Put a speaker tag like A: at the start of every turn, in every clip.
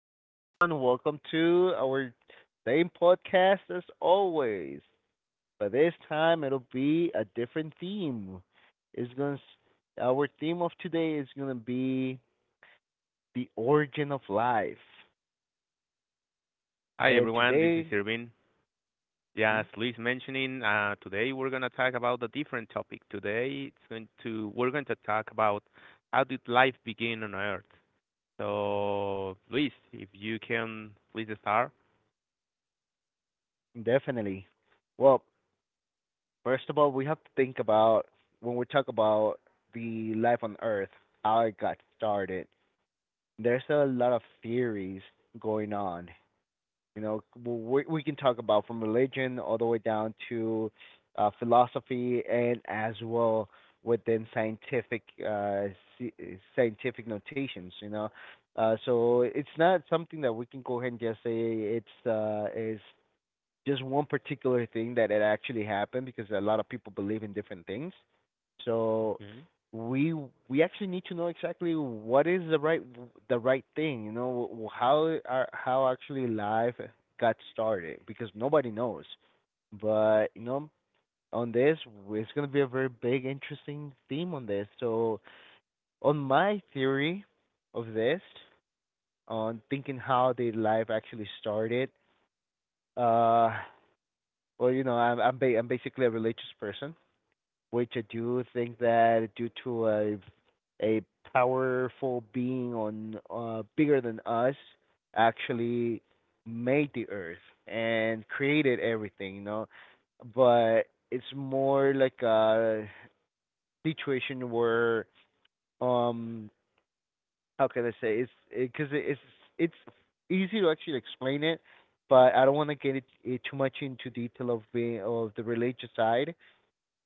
A: hey everyone, welcome to our same podcast as always. But this time it'll be a different theme. It's going to Our theme of today is going to be the origin of life.
B: Hi
A: And
B: everyone, this is
A: today,
B: Irvin. Yeah,
A: hmm,
B: as Luis mentioning, today we're gonna talk about a different topic. Today it's going to we're going to talk about how did life begin on Earth. So Luis, if you can please start.
A: definitely. Well, first of all, we have to think about when we talk about the life on earth, how it got started. There's a lot of theories going on. We can talk about from religion all the way down to philosophy, and as well within scientific sci- scientific notations, so it's not something that we can go ahead and just say it's is just one particular thing that it actually happened, because a lot of people believe in different things. So we we actually need to know exactly what is the right thing, you know, how how actually life got started, because nobody knows. But you know, on this, it's going to be a very big interesting theme on this. So on my theory of this, on thinking how the life actually started, uh you know, I'm basically a religious person, which I do think that due to a powerful being on bigger than us actually made the earth and created everything, you know. But it's more like a situation where um how can I say, it's because it, 'cause it's it's easy to actually explain it, but I don't want to get it, it too much into detail of being of the religious side,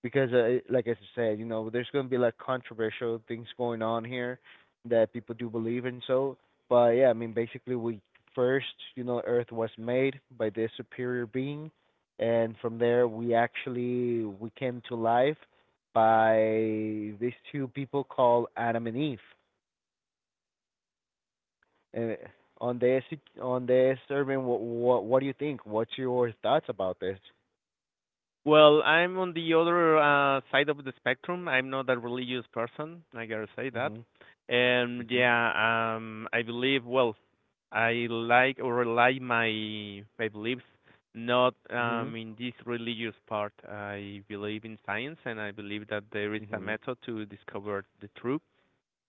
A: because like I said, you know, there's gonna be like controversial things going on here that people do believe in. So, but yeah, I mean, basically, we first, you know, Earth was made by this superior being, and from there, we actually we came to life by these two people called Adam and Eve. And on this, on this, Irvin, what do you think? What's your thoughts about this?
B: Well, I'm on the other side of the spectrum. I'm not a religious person, I gotta say that.
A: Mhm.
B: And
A: Mhm.
B: yeah, I believe, well, I like or rely my beliefs not
A: Mhm.
B: in this religious part. I believe in science and I believe that there is a
A: Mhm.
B: method to discover the truth,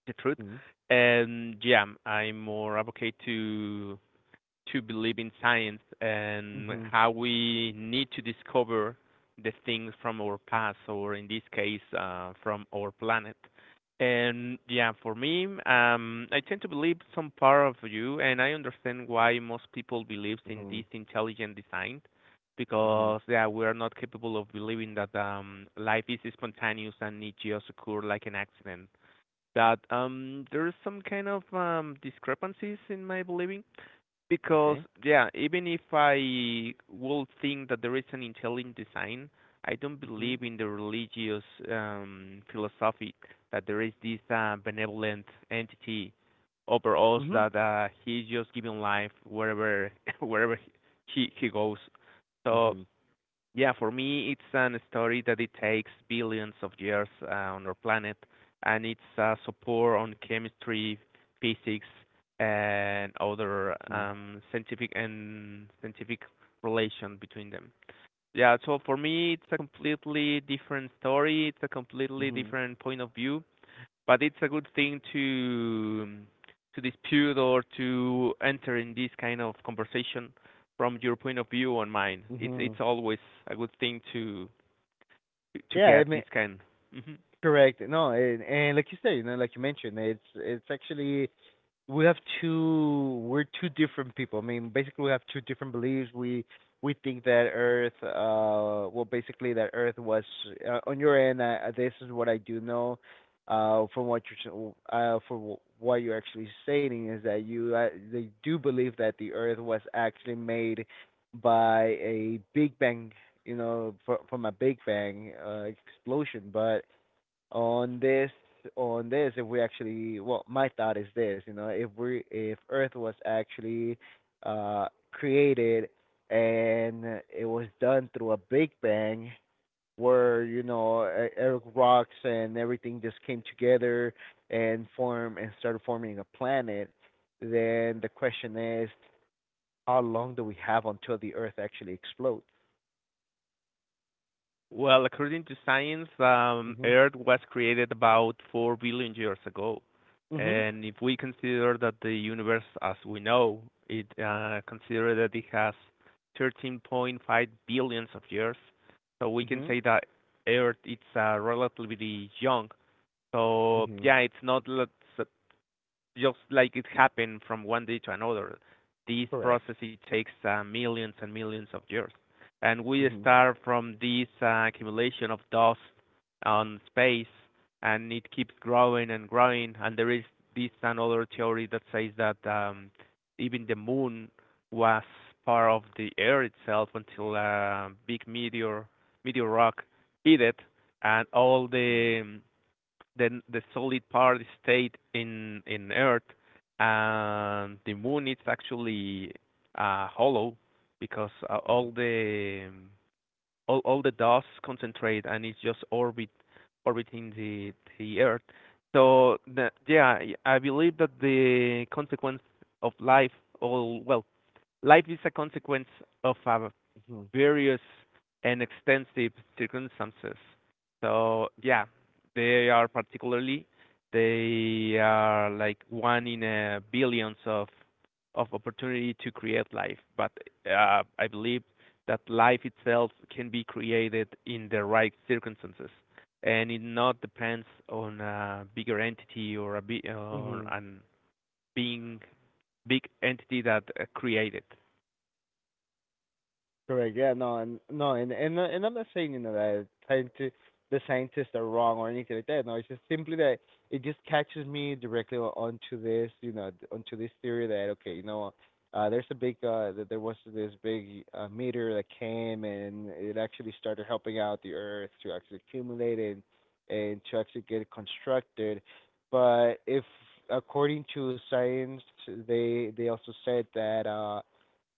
B: the truth.
A: Mhm.
B: And yeah, I'm more advocate to believe in science and
A: Mhm.
B: how we need to discover the things from our past, or in this case, from our planet. And yeah, for me, I tend to believe some part of you, and I understand why most people believe in this
A: Mhm.
B: intelligent design,
A: Mhm.
B: because yeah, we are not capable of believing that life is spontaneous and it just occur like an accident. But there is some kind of discrepancies in my believing because
A: Okay.
B: yeah, even if I will think that there is an intelligent design, I don't
A: Mhm.
B: believe in the religious philosophy that there is this benevolent entity over us
A: Mhm.
B: that he's just giving life wherever wherever he goes. So
A: Mhm.
B: yeah, for me, it's an story that it takes billions of years on our planet, and it's a support on chemistry, physics, and other
A: Mhm.
B: scientific relation between them. Yeah, so for me, it's a completely different story. It's a completely
A: Mhm.
B: different point of view but it's a good thing to dispute or to enter in this kind of conversation from your point of view and mine. It's
A: Mhm.
B: always a good thing to
A: Yeah, it
B: get
A: ma
B: this kind. hmm
A: Correct. No, and like you said, you know, like you mentioned, it's actually we're two different people. I mean, basically we have two different beliefs. We think that Earth, basically that Earth was on your end. This is what I do know, from what you're s- for wh- what you're actually stating is that you they do believe that the Earth was actually made by a Big Bang, you know, from a Big Bang explosion, but on this, on this, if we actually, well, my thought is this, you know, if earth was actually uh created and it was done through a big bang, where, you know, rocks and everything just came together and form and started forming a planet, then the question is, how long do we have until the earth actually explodes?
B: Well, according to science,
A: mhm
B: Earth was created about 4 billion years ago.
A: mhm
B: And if we consider that the universe as we know, it consider that it has 13.5 billions of years. So we can
A: mhm
B: say that Earth it's relatively young. So
A: mhm
B: yeah, it's not let's just like it happened from one day to another. This
A: Correct.
B: process it takes millions and millions of years, and we
A: mhm
B: start from this accumulation of dust on space, and it keeps growing and growing. And there is this another theory that says that even the moon was part of the air itself until a big meteor rock hit it, and all
A: mhm
B: the then the solid part stayed in Earth, and the moon is actually hollow because
A: mhm
B: all the dust concentrate and it's just orbit orbiting the Earth. So the, yeah, I believe that the consequence of life, or well, life is a consequence of a
A: Mhm.
B: various and extensive circumstances. So yeah, they are particularly they are like one in a billions of opportunity to create life. But I believe that life itself can be created in the right circumstances, and it not depends on a bigger entity or
A: Mhm.
B: an being big entity that created.
A: Correct. Yeah. No. And no. And I'm not saying, you know, that scientists, the scientists are wrong or anything like that. No. It's just simply that it just catches me directly onto this, you know, onto this theory that okay, you know, there's a big that there was this big meteor that came and it actually started helping out the Earth to actually accumulate and to actually get it constructed. But if, according to science, they also said that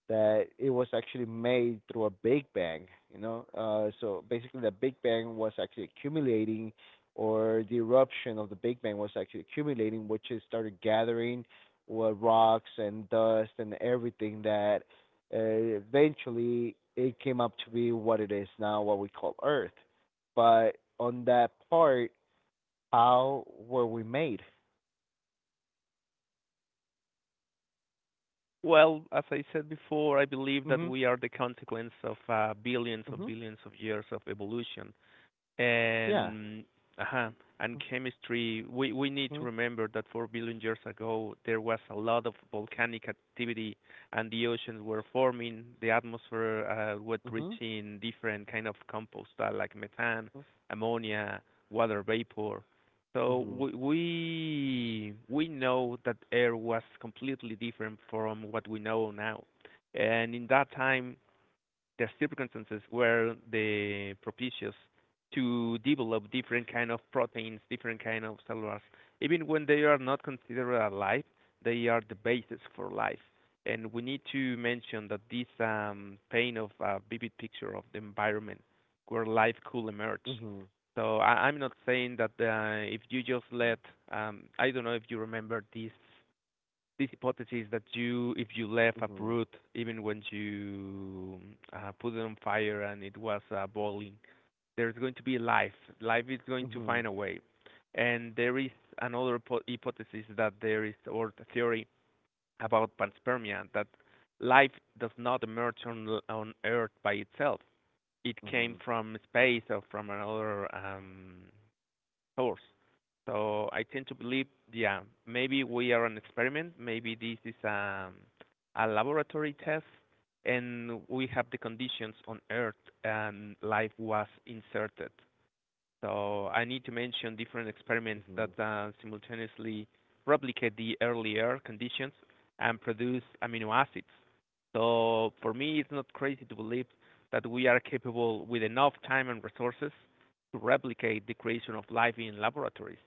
A: that it was actually made through a big bang, you know. So basically, the big bang was actually accumulating, or the eruption of the big bang was actually accumulating, which it started gathering rocks and dust and everything that eventually it came up to be what it is now, what we call Earth. But on that part, how were we made?
B: Well, as I said before, I believe that
A: Mhm.
B: we are the consequence of billions of
A: Mhm.
B: billions of years of evolution
A: Yeah.
B: and uh-huh, and chemistry, we need to
A: Mhm.
B: remember that 4 billion years ago, there was a lot of volcanic activity, and the oceans were forming. The atmosphere was
A: Mhm.
B: reaching different kind of compost, like methane,
A: Mhm.
B: ammonia, water vapor. So we know that air was completely different from what we know now. And in that time, the circumstances were the propitious to develop different kind of proteins, different kind of cellulars. Even when they are not considered alive, they are the basis for life. And we need to mention that this paint of a vivid picture of the environment where life could emerge.
A: Mhm.
B: So I'm not saying that if you just
A: Mhm.
B: let, I don't know if you remember this hypothesis that you if you left a
A: Mhm.
B: brood even when you put it on fire and it was boiling there's going to be life is going to find
A: Mhm.
B: a way and there is another hypothesis that there is or the theory about panspermia that life does not emerge on earth by itself it came
A: Mhm.
B: from space or from another source. So I tend to believe, yeah, maybe we are an experiment. Maybe this is a laboratory test, and we have the conditions on Earth, and life was inserted. So I need to mention different experiments that
A: Mhm.
B: simultaneously replicate the earlier conditions and produce amino acids. So for me, it's not crazy to believe that we are capable with enough time and resources to replicate the creation of life in laboratories.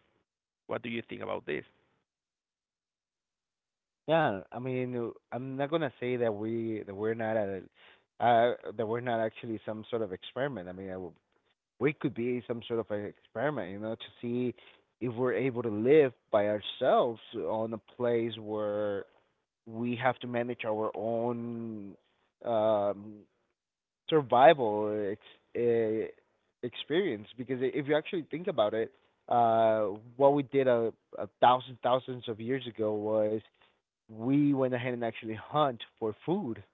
B: What do you think about this?
A: Yeah, I mean, I'm not gonna say that we're not at that we're not actually some sort of experiment. I mean, I w We could be some sort of an experiment, you know, to see if we're able to live by ourselves on a place where we have to manage our own um survival experience, because if you actually think about it, uh, what we did a thousand thousands of years ago was we went ahead and actually hunt for food.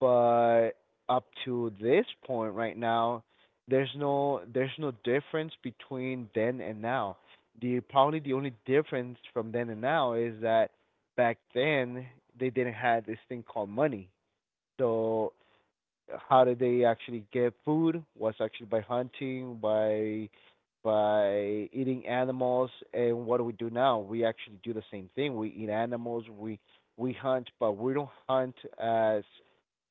A: But up to this point right now, there's no difference between then and now. The probably the only difference from then and now is that back then they didn't have this thing called money. So how did they actually get food was actually by hunting, by eating animals. And what do we do now? We actually do the same thing. We eat animals, we hunt, but we don't hunt as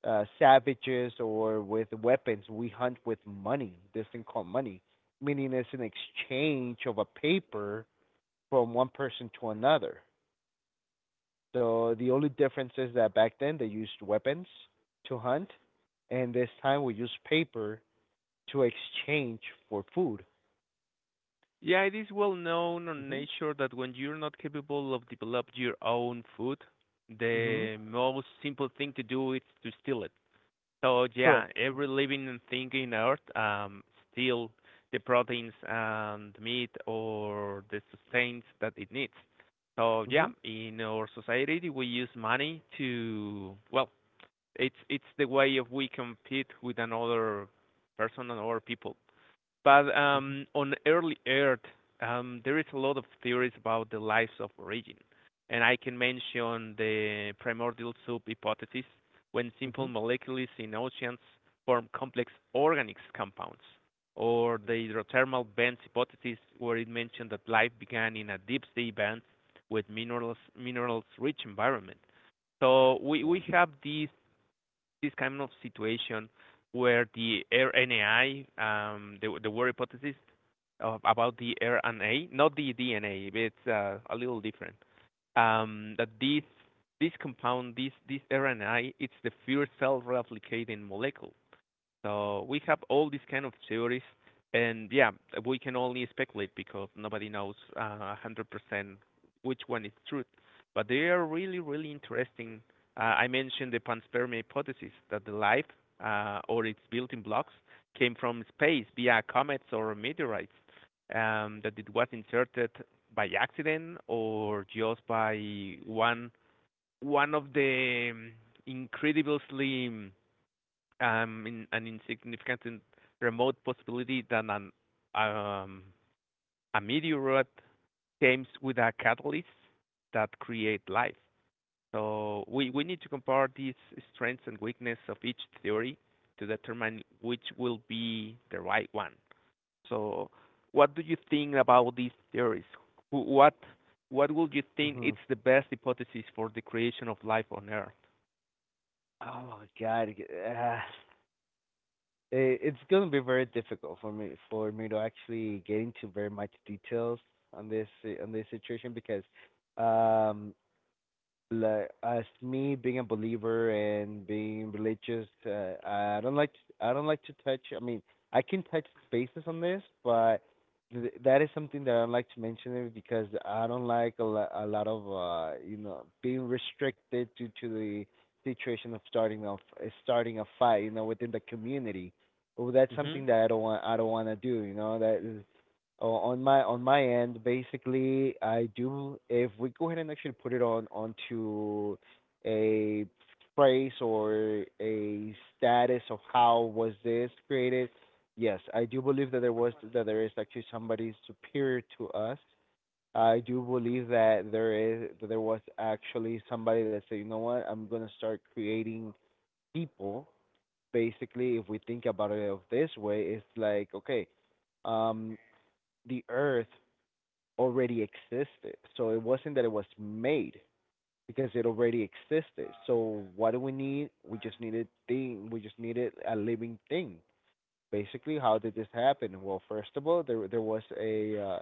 A: savages or with weapons. We hunt with money, this thing called money, meaning it's an exchange of a paper from one person to another. So the only difference is that back then they used weapons to hunt, and this time we use paper to exchange for food.
B: Yeah, it is well known on
A: Mhm.
B: nature that when you're not capable of developing your own food,
A: Mhm.
B: the most simple thing to do is to steal it. So
A: Correct.
B: yeah, every living thing in Earth, still the proteins and meat or the sustains that it needs. So yeah,
A: Mhm.
B: in our society we use money to well, it's the way of we compete with another person and other people. But
A: Mhm.
B: on early Earth, there is a lot of theories about the lives of origin, and I can mention the primordial soup hypothesis, when simple
A: Mhm.
B: molecules in oceans form complex organic compounds, or the hydrothermal vents hypothesis, where it mentioned that life began in a deep sea vent with minerals rich environment. So we
A: Yeah.
B: we have these this kind of situation where there were hypotheses about the RNA, not the DNA, it's a little different. That this compound, this RNA, it's the first self-replicating molecule. So we have all these kind of theories, and yeah, we can only speculate because nobody knows 100% which one is truth. But they are really, really interesting. I mentioned the panspermia hypothesis that the life or its building blocks came from space via comets or meteorites. That it was inserted by accident or just by one of the incredibly an insignificant and remote possibility that um, a meteorite comes with a catalyst that create life. So we need to compare these strengths and weakness of each theory to determine which will be the right one. So what do you think about these theories? What what would you think
A: Mhm.
B: it's the best hypothesis for the creation of life on Earth?
A: Oh God, it's gonna be very difficult for me to actually get into very much details on this, on this situation, because um like, as me being a believer and being religious, I don't like to, I don't like to touch. I mean, I can touch bases on this, but that is something that I don't like to mention it, because I don't like a lot of, you know, being restricted due to the situation of starting a fight, you know, within the community. Oh, that's
B: hmm
A: something that I don't want. I don't want to do. You know that on my end, basically, I do. If we go ahead and actually put it on onto a phrase or a status of how was this created, yes, I do believe that there was that there is actually somebody superior to us. I do believe that there was actually somebody that said, you know what, I'm gonna start creating people. Basically, if we think about it of this way, it's like okay, um, the earth already existed. So it wasn't that it was made, because it already existed. So what do we need? We just needed a living thing. Basically, how did this happen? Well, first of all, there was a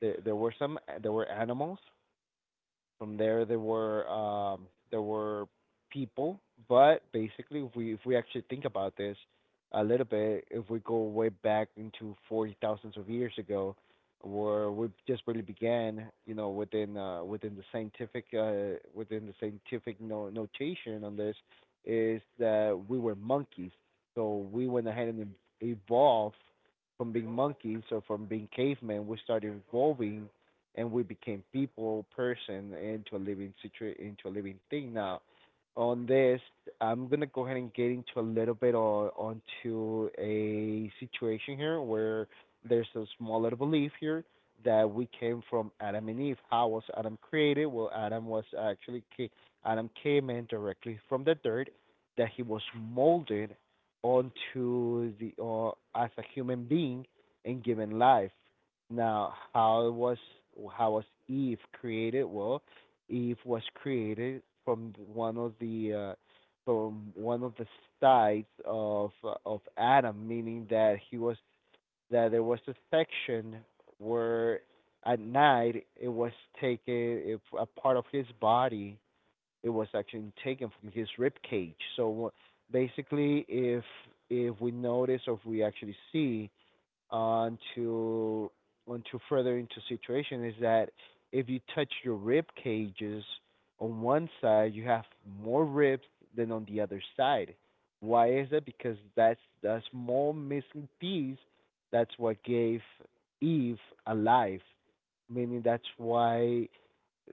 A: there there were some there were animals. From there, there were people. But basically, if we actually think about this a little bit, if we go way back into 40 thousands of years ago, where we just really began, you know, within the scientific notation on this, is that we were monkeys. So we went ahead and evolved from being monkeys or from being cavemen. We started evolving and we became people, person, into a into a living thing now. On this, I'm gonna go ahead and get into a little bit on onto a situation here where there's a small little belief here that we came from Adam and Eve. How was Adam created? Well, Adam was actually ca- Adam came in directly from the dirt, that he was molded onto the as a human being, and given life. Now, how was Eve created? Well, Eve was created from one of the from one of the sides of Adam, meaning that he was that there was a section where at night it was taken, if a part of his body, it was actually taken from his rib cage. So basically, if we notice, or if we actually see on to on to further into situation, is that if you touch your rib cages on one side, you have more ribs than on the other side. Why is that? Because that's the small missing piece, that's what gave Eve a life. Meaning that's why,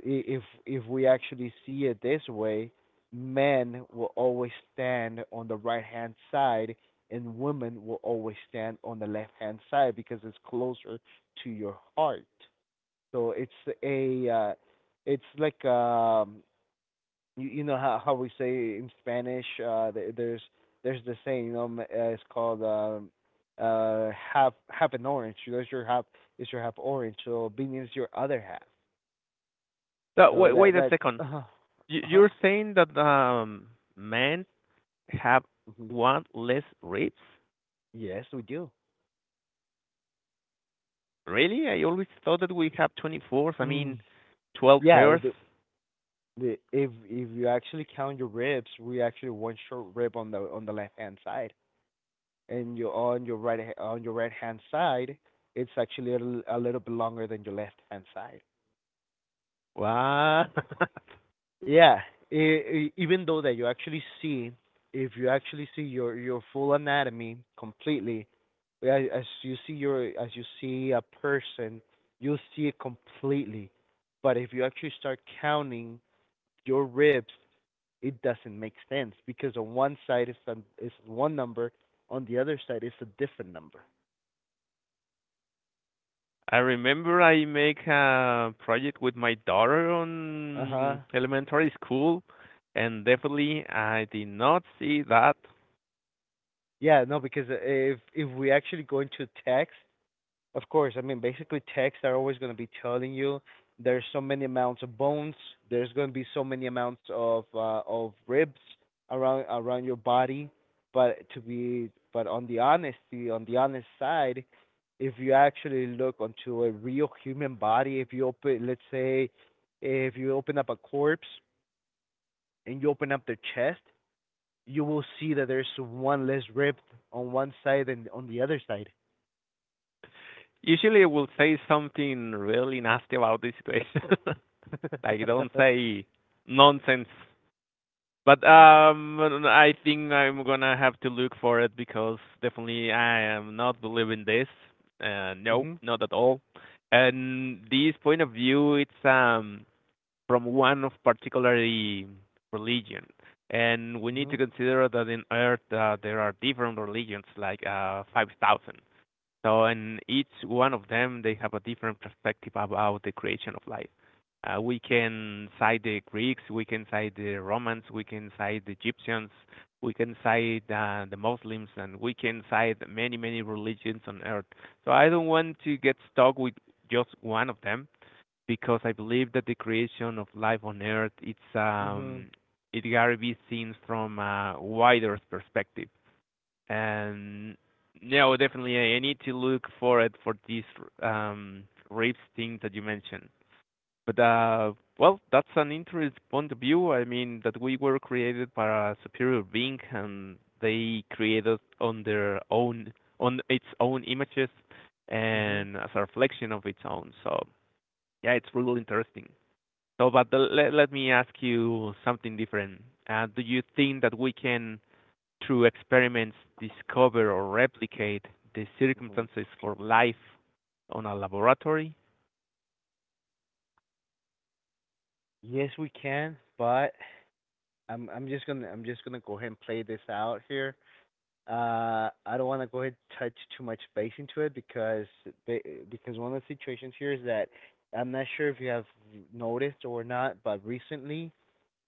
A: if we actually see it this way, men will always stand on the right hand side and women will always stand on the left hand side, because it's closer to your heart. So it's a it's like, you, you know how we say in Spanish, there, there's the saying, you know, it's called, half, half an orange. You There's your half is your half orange. So being is your other half.
B: So
A: So
B: wait,
A: that
B: wait a
A: that
B: second.
A: uh huh
B: You're saying that men have
A: hmm
B: one less ribs?
A: yes we do.
B: Really? I always thought that we have 24. I mean,
A: Mm.
B: 12
A: Yeah,
B: pairs.
A: the if you actually count your ribs, we actually one short rib on the left hand side, and you on your on your right hand side, it's actually a little bit longer than your left hand side.
B: What?
A: Yeah, even though that you actually see, if you actually see your full anatomy completely, as you see a person, you'll see it completely. But if you actually start counting your ribs, it doesn't make sense because on one side is one number, on the other side is a different number.
B: I remember I make a project with my daughter
A: Uh huh.
B: on elementary school, and definitely I did not see that.
A: Yeah, no, because if we actually go into text. Of course, I mean basically texts are always going to be telling you there's so many amounts of bones, there's going to be so many amounts of ribs around your body, but to be but on the honest side, if you actually look onto a real human body, if you open let's say if you open up a corpse and you open up their chest, you will see that there's one less rib on one side than on the other side.
B: Usually I will say something really nasty about this situation. Like, don't say nonsense But I think I'm gonna have to look for it because definitely I am not believing this. Nope,
A: Mhm.
B: not at all. And this point of view, it's from one of particularly religion, and we need
A: Mhm.
B: to consider that in Earth there are different religions, like 5,000. So, and each one of them, they have a different perspective about the creation of life. We can cite the Greeks, we can cite the Romans, we can cite the Egyptians, we can cite the Muslims, and we can cite many, many religions on earth. So I don't want to get stuck with just one of them because I believe that the creation of life on earth
A: Mhm.
B: it gotta be seen from a wider perspective and no, definitely I need to look for it for this um rapes thing that you mentioned. But well, that's an interesting point of view. I mean that we were created by a superior being and they created on their own on its own images
A: Mhm.
B: and as a reflection of its own. So yeah, it's really interesting. So, let, let me ask you something different. Do you think that we can through experiments, discover or replicate the
A: Mhm.
B: circumstances for life on a laboratory.
A: Yes, we can, but I'm just gonna go ahead and play this out here. I don't want to go ahead and touch too much base into it because because one of the situations here is that I'm not sure if you have noticed or not, but recently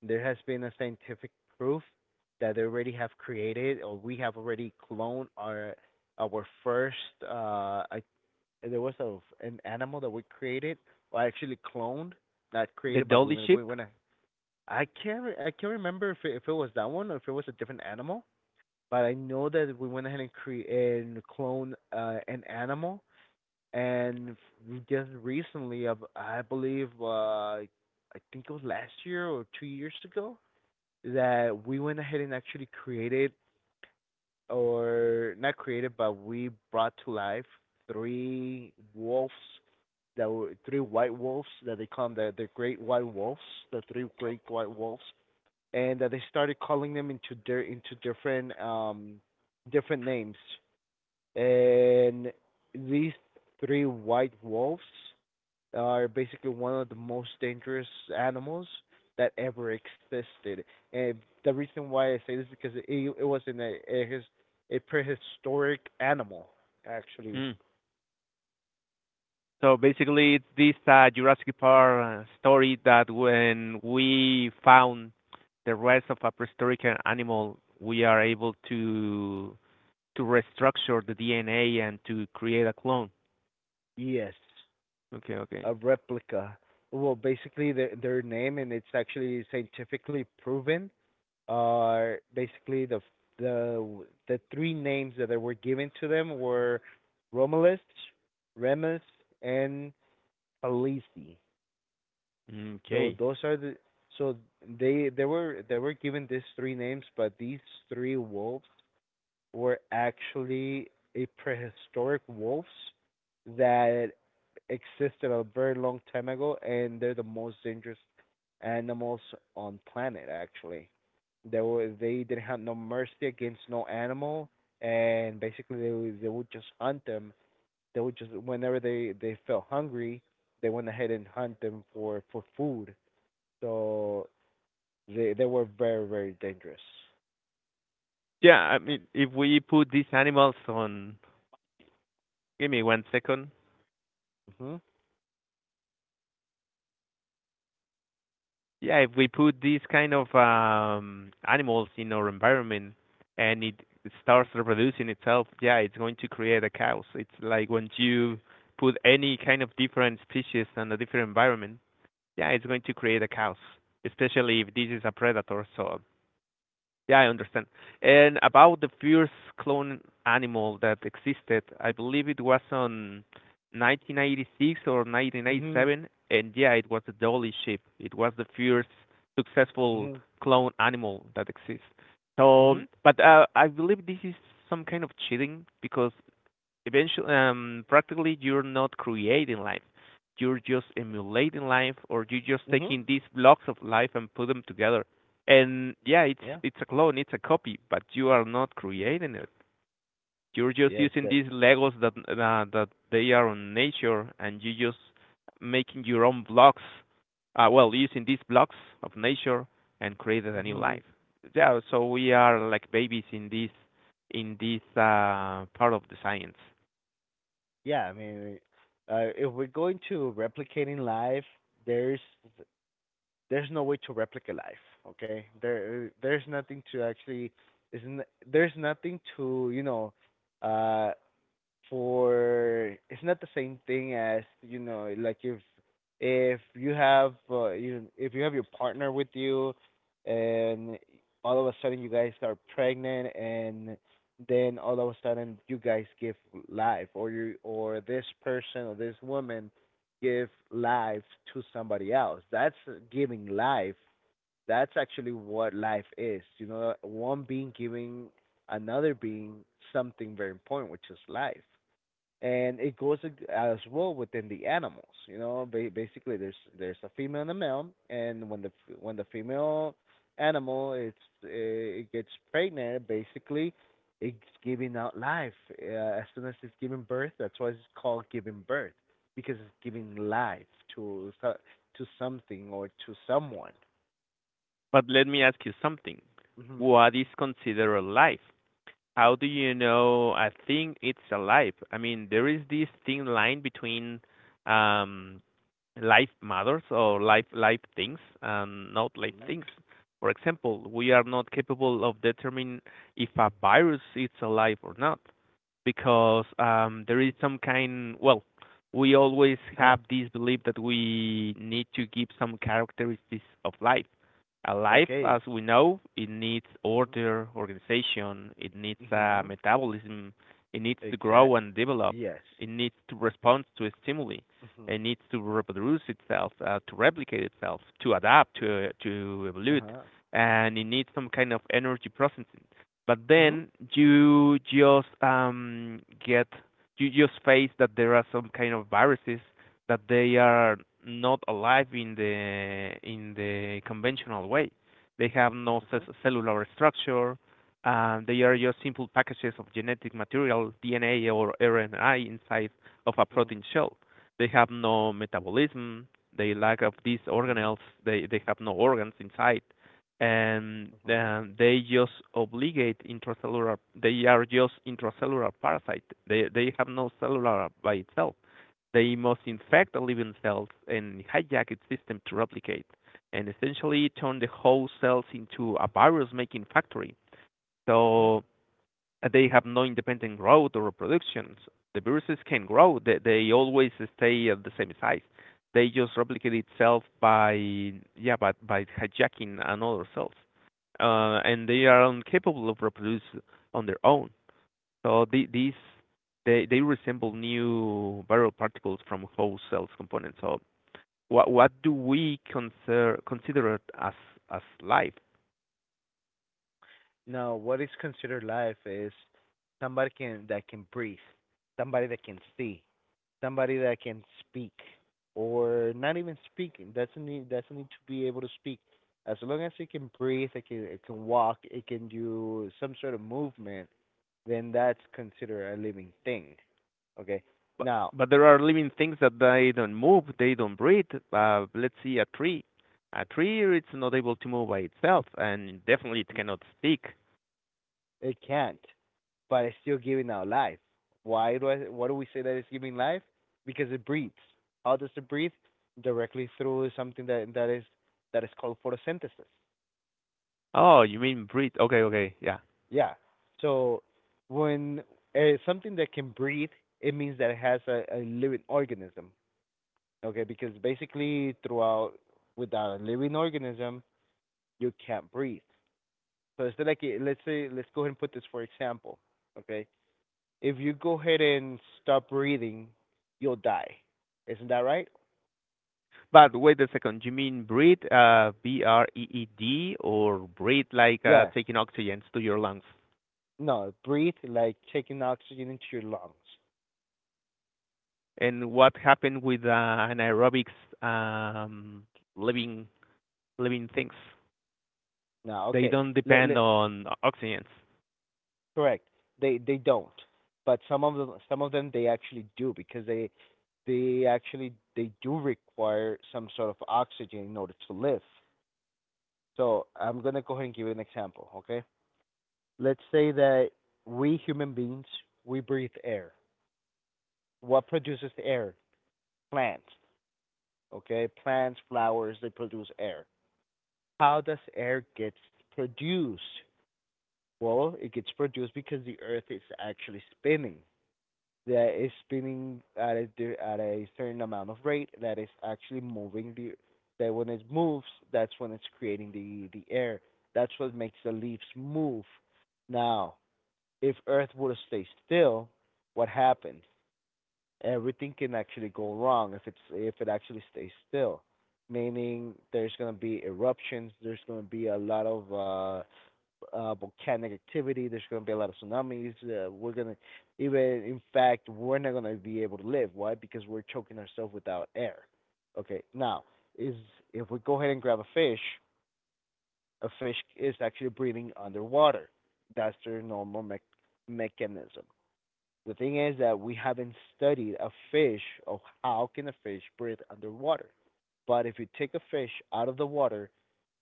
A: there has been a scientific proof that they already have created or we have already cloned our first I There was a an animal that we created, or actually cloned, not
B: The
A: created, but we
B: Dolly
A: went-
B: Ship.
A: we went. I I can't remember if it was that one or if it was a different animal, but I know that we went ahead and create and clone an animal, and we just recently, of I believe, I think it was last year or 2 years ago, that we went ahead and actually created, or not created, but we brought to life three wolves. There were three white wolves that they call them the great white wolves, the three great white wolves, and they started calling them into their into different different names. And these three white wolves are basically one of the most dangerous animals that ever existed. And the reason why I say this is because it was in a prehistoric animal actually.
B: Mm. So basically, it's this Jurassic Park story that when we found the rest of a prehistoric animal, we are able to restructure the DNA and to create a clone.
A: Yes.
B: Okay, okay.
A: A replica. Well, basically their name, and it's actually scientifically proven. Are basically the three names that they were given to them were Romulus, Remus, and Palisi. So
B: Okay.
A: those are the so they were given these three names, but these three wolves were actually a prehistoric wolves that existed a very long time ago, and they're the most dangerous animals on planet. Actually, they didn't have no mercy against no animal, and basically they would just hunt them. They would just whenever they felt hungry, they went ahead and hunt them for food. So they were very very dangerous.
B: Yeah, I mean, if we put these animals on, give me 1 second.
A: Mhm.
B: Yeah, if we put these kind of animals in our environment and it starts reproducing itself, yeah, it's going to create a chaos. It's like when you put any kind of different species in a different environment, yeah, it's going to create a chaos. Especially if this is a predator, so yeah, I understand. And about the first clone animal that existed, I believe it was on 1986 or
A: Mhm.
B: 1987, and yeah, it was a dolly sheep. It was the first successful
A: Mhm.
B: clone animal that exists. So,
A: Mhm.
B: but I believe this is some kind of cheating because eventually practically you're not creating life. You're just emulating life, or you're just
A: Mhm.
B: taking these blocks of life and put them together, and yeah, it's
A: Yeah.
B: it's a clone, it's a copy, but you are not
A: Hmm.
B: creating it. You're just
A: Yes.
B: using
A: That.
B: these legos that they are on nature, and you just making your own blocks, well, using these blocks of nature and created a new
A: Hmm.
B: life. Yeah, so we are like babies in this, in this part of the science.
A: Yeah. I mean, if we're going to replicating life, there's there's no way to replicate life. Okay. There's nothing to actually. Isn't There's nothing to, uh, for it's not the same thing as, like, if you have you if you have your partner with you, and all of a sudden you guys are pregnant, and then all of a sudden you guys give life, or you or this person or this woman give life to somebody else that's giving life. That's actually what life is, one being giving another being something very important, which is life. And it goes as well within the animals. Basically there's a female and a male, and when when the female animal it's it gets pregnant, basically it's giving out life, uh, as soon as it's giving birth. That's why it's called giving birth, because it's giving life to so- to something or to someone.
B: But let me ask you something.
A: Mhm.
B: What is considered alive? How do you know a thing it's alive? I mean, there is this thin line between um life matters, or life things and not life
A: Mhm.
B: things. For example, we are not capable of determining if a virus is alive or not because there is some kind. Well, we always
A: Uh,
B: have this belief that we need to give some characteristics of life. A life,
A: okay.
B: as we know, it needs
A: Mhm.
B: order, organization. It needs
A: Mhm.
B: metabolism. It needs to grow
A: Exact.
B: and develop.
A: Yes.
B: It needs to respond to stimuli.
A: Mhm.
B: It needs to reproduce itself, to replicate itself, to adapt, to
A: Uh
B: evolve,
A: huh.
B: and it needs some kind of energy processing. But
A: Mhm.
B: then you just get you just face that there are some kind of viruses that they are not alive in the conventional way. They have no
A: Mm-hmm,
B: cellular structure. They are just simple packages of genetic material, DNA or RNA inside of a
A: mm-hmm,
B: protein shell. They have no metabolism. They lack of these
A: mm-hmm,
B: organelles. They have no organs inside, and
A: mm-hmm,
B: they just obligate intracellular. They are just intracellular parasite. They have no cellular by itself. They must infect the living cells and hijack its system to replicate, and essentially turn the whole cells into a virus-making factory.
A: mm-hmm.
B: So they have no independent growth or reproduction. The viruses can grow. They always stay at the same size. They just replicate itself by yeah, but by hijacking another cells, and they are incapable of reproduce on their own. So these they resemble new viral particles from whole cells components. So what do we consider as life?
A: No, what is considered life is somebody can that can breathe, somebody that can see, somebody that can speak, or not even speaking. Doesn't need to be able to speak. As long as it can breathe, it can walk, it can do some sort of movement, then that's considered a living thing. Okay.
B: But
A: Now,
B: but there are living things that they don't move, they don't breathe. Let's see a tree. A tree it's not able to move by itself, and definitely it cannot speak.
A: it can't, but it's still giving out life. Why do I? Why do we say that it's giving life? Because it breathes. How does it breathe? Directly through something that that is called photosynthesis.
B: Oh, you mean breathe? Okay, okay, yeah.
A: Yeah. So when something that can breathe, it means that it has a living organism. Okay, because basically throughout without a living organism, you can't breathe. So it's like, let's say let's go ahead and put this for example. Okay, if you go ahead and stop breathing, you'll die. Isn't that right?
B: But wait a second. You mean breathe, B R E E D, or breathe like
A: Yeah.
B: taking oxygen to your lungs?
A: No, breathe like taking oxygen into your lungs.
B: And what happened with anaerobics, um, living living things?
A: No,
B: They
A: okay.
B: don't
A: Le-
B: depend
A: le-
B: on oxygens.
A: Correct. They don't. But some of them they actually do, because they do require some sort of oxygen in order to live. So I'm gonna go ahead and give an example, okay? Let's say that we human beings, we breathe air. What produces air? Plants. Okay, plants, flowers, they produce air. How does air get produced? Well, it gets produced because the earth is actually spinning. That is spinning at a certain amount of rate that is actually moving the, that when it moves, that's when it's creating the air. That's what makes the leaves move. Now, if earth were to stay still, what happens? Everything can actually go wrong if it's, if it actually stays still. Meaning there's gonna be eruptions, there's gonna be a lot of volcanic activity, there's gonna be a lot of tsunamis. We're gonna, even in fact we're not gonna be able to live. Why? Because we're choking ourselves without air. Okay, now, is if we go ahead and grab a fish is actually breathing underwater. That's their normal mechanism. The thing is that we haven't studied a fish of how can a fish breathe underwater. But if you take a fish out of the water,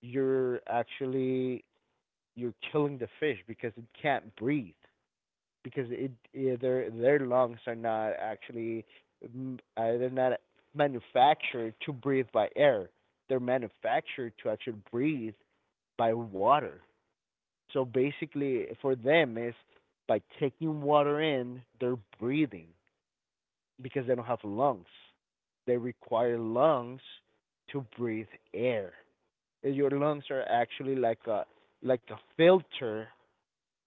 A: you're actually you're killing the fish, because it, can't breathe because it their lungs are not actually, they're not manufactured to breathe by air. They're manufactured to actually breathe by water. So basically, for them, is by taking water in, they're breathing because they don't have lungs. They require lungs to breathe air. And your lungs are actually like a filter,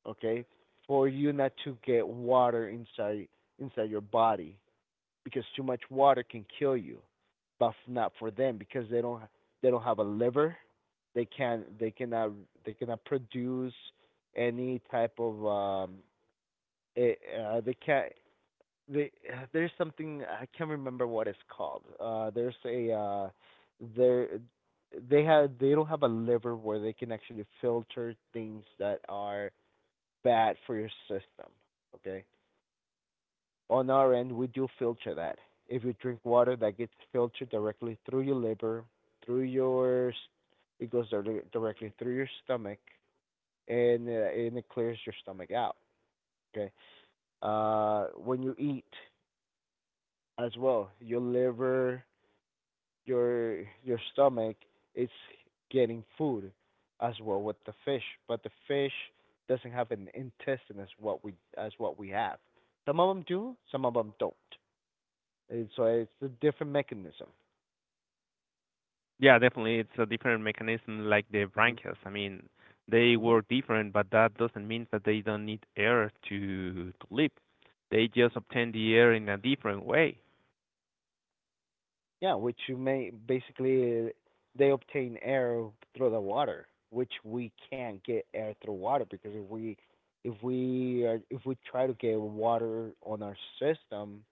A: okay, for you not to get water inside your body, because too much water can kill you. But not for them, because they don't have a liver. They can they cannot they cannot produce any type of it, they can't they, there's something I can't remember what it's called. There's a there they have they don't have a liver where they can actually filter things that are bad for your system. Okay. On our end, we do filter that. If you drink water, that gets filtered directly through your liver, through your it goes dir- directly through your stomach, and it clears your stomach out. Okay. When you eat as well, your liver your stomach is getting food as well with the fish, but the fish doesn't have an intestine as what we have. Some of them do, some of them don't. And so it's a different mechanism.
B: Yeah, definitely. It's a different mechanism like the
A: Mhm.
B: branchials. I mean, they
A: Mhm.
B: work different, but that doesn't mean that they don't need air to live. They just obtain the air in a different way.
A: Yeah, which you may basically, they obtain air through the water, which we can't get air through water, because if we try to get water on our system,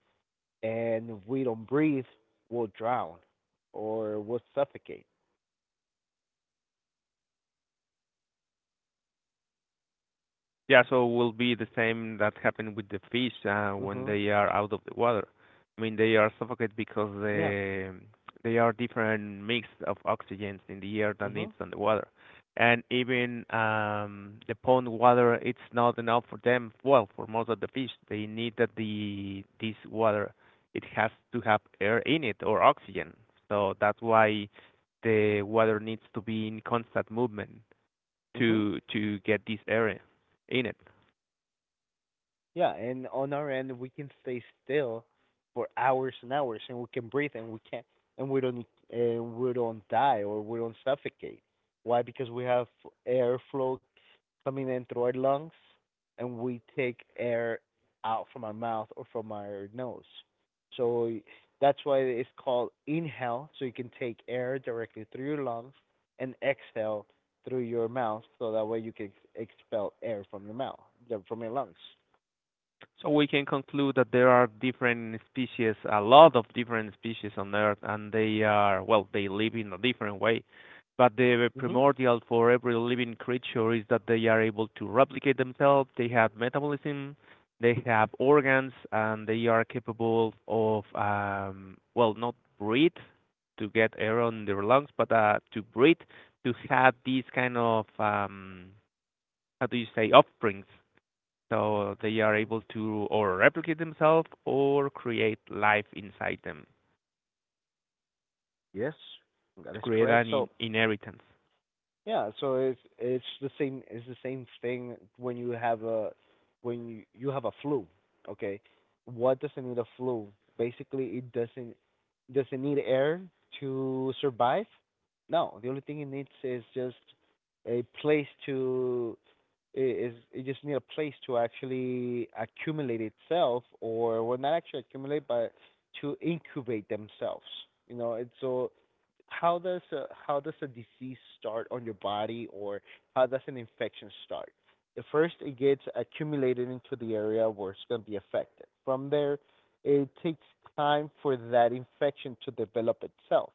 A: and if we don't breathe, we'll drown or we'll suffocate.
B: Yeah, so will be the same that happened with the fish when
A: Mhm.
B: they are out of the water. I mean, they are suffocated because
A: Yeah.
B: they are different mix of oxygens in the air than
A: Mhm.
B: it's on the water, and even the pond water it's not enough for them. Well, for most of the fish, they need that the this water it has to have air in it or oxygen. So that's why the water needs to be in constant movement
A: Mhm.
B: to get this air in it.
A: Yeah, and on our end we can stay still for hours and hours, and we can breathe, not, and we don't, and we don't die or we don't suffocate. Why? Because we have airflow coming in through our lungs, and we take air out from our mouth or from our nose. So that's why it's called inhale. So you can take air directly through your lungs and exhale through your mouth, so that way you can expel air from your mouth, from your lungs.
B: So we can conclude that there are different species, a lot of different species on Earth, and they are, well, they live in a different way. But the
A: Mm-hmm.
B: primordial for every living creature is that they are able to replicate themselves, they have metabolism, they have organs, and they are capable of, well, not breathe to get air on their lungs, but to breathe, to have these kind of, how do you say, offsprings, so they are able to or replicate themselves or create life inside them
A: Yes, that
B: to
A: is
B: create
A: correct.
B: an
A: So
B: inheritance.
A: Yeah, so it's it's the same it's the same thing when you have a when you have a flu, okay? What doesn't need a flu? Basically, it doesn't need air to survive. No, the only thing it needs is just a place to I- is it just need a place to actually accumulate itself, or well, not actually accumulate but to incubate themselves. You know, it's so how does a disease start on your body, or how does an infection start? The first, it gets accumulated into the area where it's going to be affected. From there, it takes time for that infection to develop itself,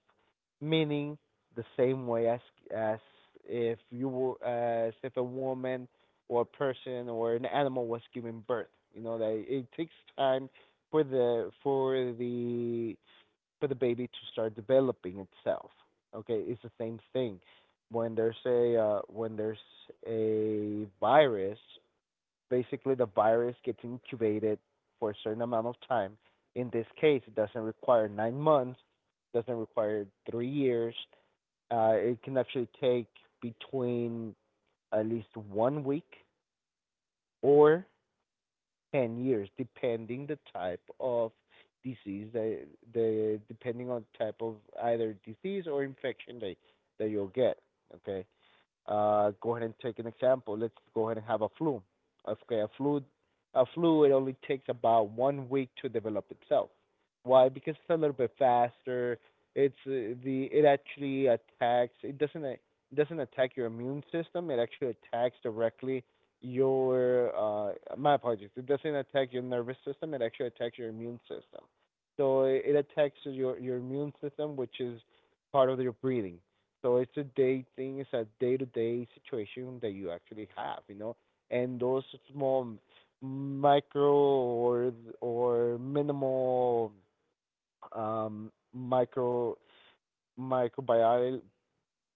A: meaning the same way as as if you were, as if a woman or a person or an animal was given birth. You know that it takes time for the baby to start developing itself. Okay, it's the same thing. When there's a virus, basically the virus gets incubated for a certain amount of time. In this case, it doesn't require 9 months, doesn't require 3 years. It can actually take between at least 1 week or 10 years, depending the type of disease, the depending on type of either disease or infection that, that you'll get. Okay, go ahead and take an example. Let's go ahead and have a flu. Okay, a flu, it only takes about 1 week to develop itself. Why? Because it's a little bit faster. It actually attacks. It doesn't attack your immune system. It actually attacks directly your my apologies. It doesn't attack your nervous system. It actually attacks your immune system. So it attacks your immune system, which is part of your breathing. So it's a day thing. It's a day-to-day situation that you actually have, you know. And those small, micro or minimal, micro microbial.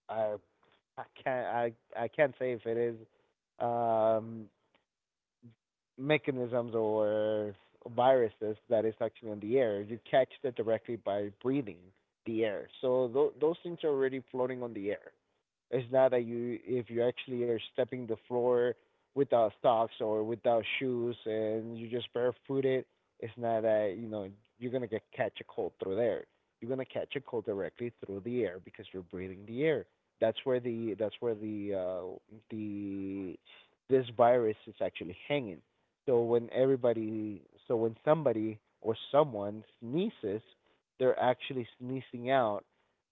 A: I I can't I I can't say if it is, um, mechanisms or viruses that is actually in the air. You catch that directly by breathing the air. So those things are already floating on the air. It's not that, you, if you actually are stepping the floor without socks or without shoes and you're just barefooted. It's not that, you know, you're gonna get catch a cold through there. You're gonna catch a cold directly through the air because you're breathing the air. That's where the this virus is actually hanging. So when everybody, so when somebody or someone sneezes, they're actually sneezing out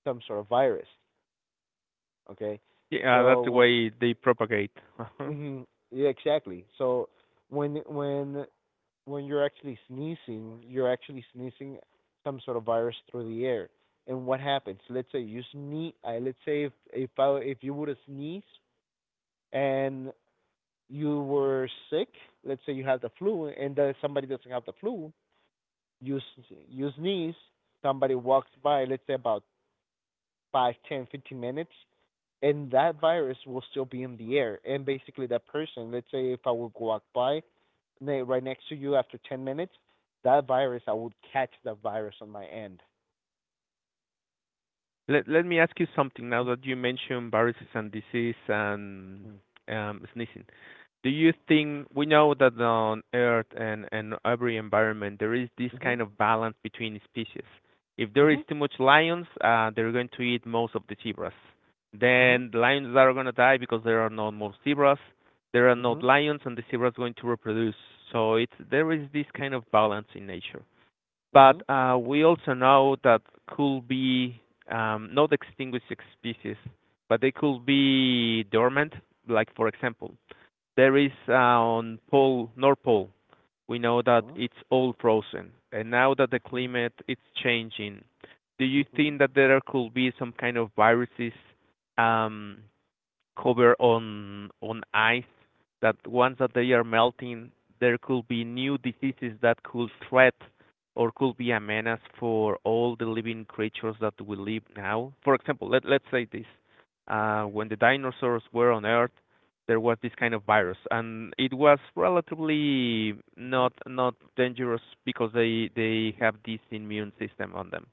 A: some sort of virus. Okay.
B: Yeah, that's the
A: So
B: way they propagate.
A: mm yeah, exactly. So when when when you're actually sneezing some sort of virus through the air. And what happens? Let's say you sneeze. Let's say if you would have sneezed and you were sick. Let's say you have the flu and somebody doesn't have the flu. You sneeze. Somebody walks by. Let's say about five, ten, 15 minutes, and that virus will still be in the air. And basically, that person, let's say if I would walk by right next to you after 10 minutes, that virus, I would catch the virus on my end.
B: Let me ask you something now that you mentioned viruses and disease and
A: Mm-hmm.
B: sneezing. Do you think we know that on Earth and every environment, there is this
A: Mm-hmm.
B: kind of balance between species? If there is
A: Mm-hmm.
B: too much lions, they're going to eat most of the zebras.
A: Mm-hmm.
B: Then the lions are gonna die because there are no more zebras. There are no
A: Mm-hmm.
B: lions, and the zebras is going to reproduce. So it's there is this kind of balance in nature.
A: Mm-hmm.
B: But we also know that could be not extinguished species, but they could be dormant. Like, for example, there is on North Pole. We know that
A: Mm-hmm.
B: it's all frozen, and now that the
A: Mm-hmm.
B: climate is changing, do you
A: Mm-hmm.
B: think that there could be some kind of viruses, um, covered on ice, that once that they are melting, there could be new diseases that could threat or could be a menace for all the living creatures that we live now. For example, let's say this. When the dinosaurs were on Earth, there was this kind of virus, and it was relatively
A: Mm-hmm.
B: not dangerous because they have this immune system on them,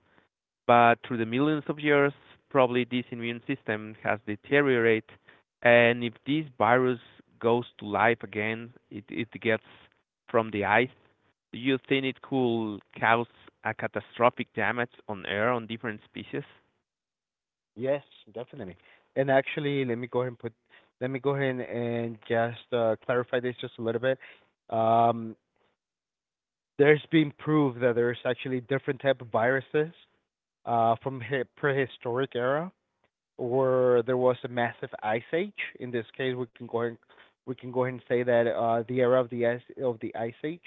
B: but through the millions of years, probably this immune system has deteriorated. And if this virus goes to life again, it gets from the ice. Do you think it could cause a catastrophic damage on air on different species?
A: Yes, definitely. And actually, let me go ahead and put, let me go ahead and just clarify this just a little bit. Um, there's been proved that there's actually different type of viruses from prehistoric era where there was a massive ice age. In this case, we can go ahead and say that the era of the ice age,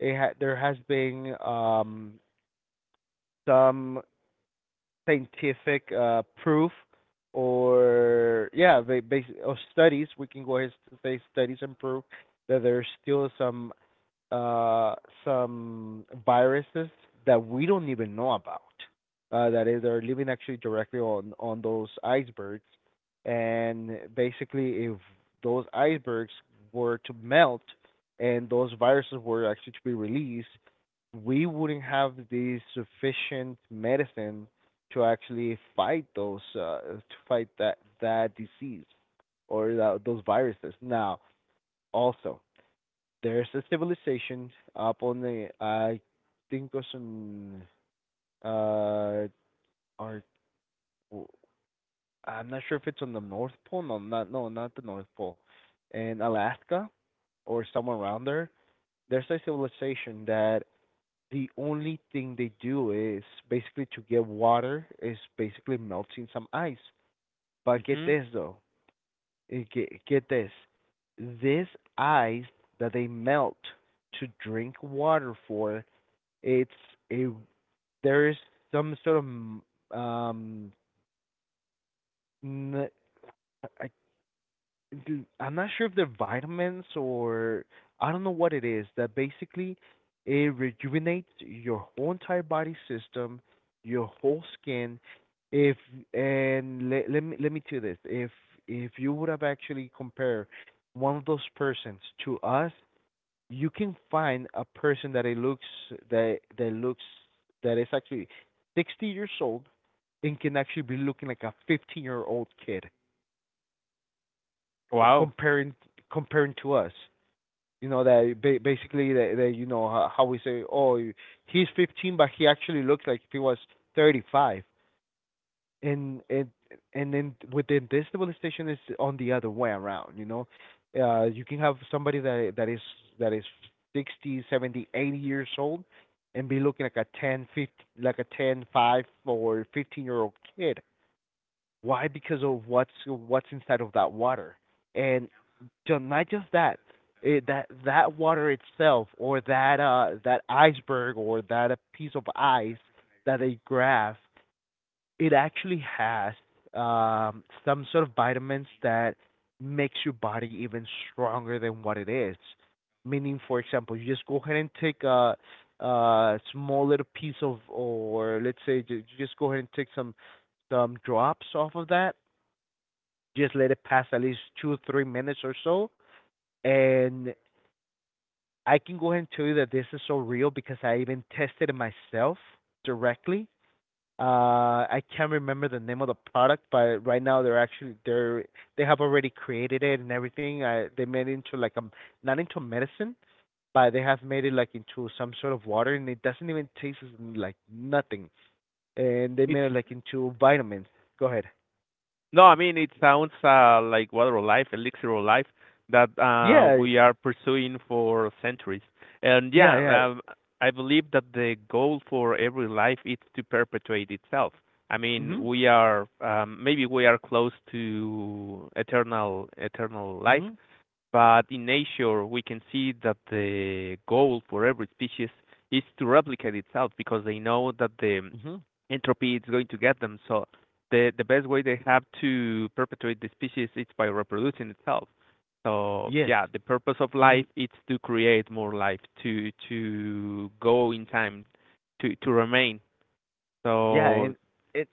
A: there has been some scientific proof or yeah, or studies. We can go ahead to say studies and proof that there's still uh, some viruses that we don't even know about. That is, they're living actually directly on those icebergs, and basically, if those icebergs were to melt and those viruses were actually to be released, we wouldn't have the sufficient medicine to actually fight those to fight that disease or that, those viruses. Now, also, there's a civilization up on the I think it's on uh our I'm not sure if it's on the North Pole. No, not the North Pole. In Alaska or somewhere around there, there's a civilization that the only thing they do is basically to get water is basically melting some ice. But get
B: Hmm.
A: this though, get this, this ice that they melt to drink water for. It's a There is some sort of um n- I am not sure if they're vitamins or I don't know what it is, that basically it rejuvenates your whole entire body system, your whole skin. If and let me tell you this, if you would have actually compared one of those persons to us, you can find a person that it looks that that looks that is actually 60 years old and can actually be looking like a 15-year-old kid, uh,
B: Wow.
A: comparing comparing to us. You know that basically that, that you know how, we say, oh, he's 15, but he actually looks like he was 35. And it and then within this civilization is on the other way around, you know. You can have somebody that is 60, 70, 80 years old and be looking like a 10, 5 or 15-year-old kid. Why? Because of what's inside of that water. And not just that, that that water itself or that that iceberg or that a piece of ice that they grab, it actually has some sort of vitamins that makes your body even stronger than what it is. Meaning, for example, you just go ahead and take a small little piece of, or let's say, you just go ahead and take some drops off of that. Just let it pass at least 2 or 3 minutes or so, and I can go ahead and tell you that this is so real because I even tested it myself directly. I can't remember the name of the product, but right now they're actually they have already created it and everything. I They made it into like not into medicine, but they have made it like into some sort of water, and it doesn't even taste like nothing. And they
B: It's
A: made it like into vitamins. Go ahead.
B: no, I mean it sounds like water of life, elixir of life, that
A: Yeah,
B: we are pursuing for centuries. And
A: yeah,
B: yeah,
A: yeah.
B: I believe that the goal for every life is to perpetuate itself. I mean,
A: Mhm.
B: we are maybe we are close to eternal life,
A: Mhm.
B: but in nature, we can see that the goal for every species is to replicate itself because they know that the
A: Mhm.
B: entropy is going to get them. So the best way they have to perpetuate the species is by reproducing itself. So
A: Yes.
B: yeah, the purpose of
A: Mm,
B: life is to create more life, to go in time, to remain.
A: yeah,
B: So
A: and it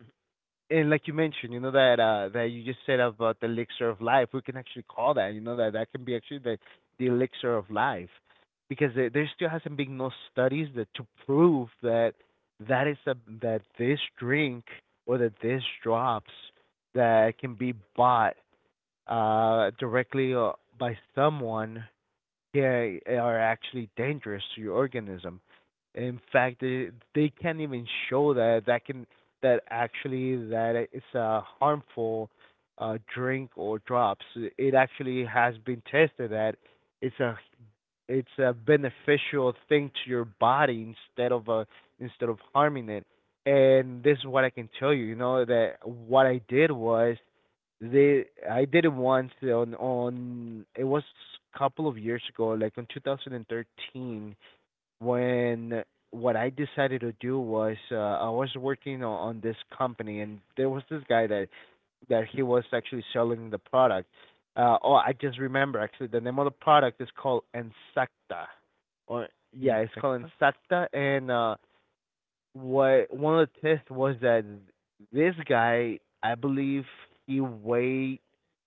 A: and like you mentioned, you know that that you just said about the elixir of life, we can actually call that. You know that that can be actually the elixir of life, because there still hasn't been no studies that to prove that that is a that this drink or that this drops that can be bought directly by someone, yeah, are actually dangerous to your organism. In fact, they can't even show that that can that actually that it's a harmful drink or drops. It actually has been tested that it's a it's a beneficial thing to your body instead of a, instead of harming it. And this is what I can tell you, you know, that what I did was they I did it once on it was a couple of years ago, like in 2013, when what I decided to do was, I was working on this company, and there was this guy that he was actually selling the product. Oh, I just remember actually the name of the product is called Insecta, or yeah, it's called
B: insecta.
A: Insecta. And what one of the tests was that this guy, I believe he weighed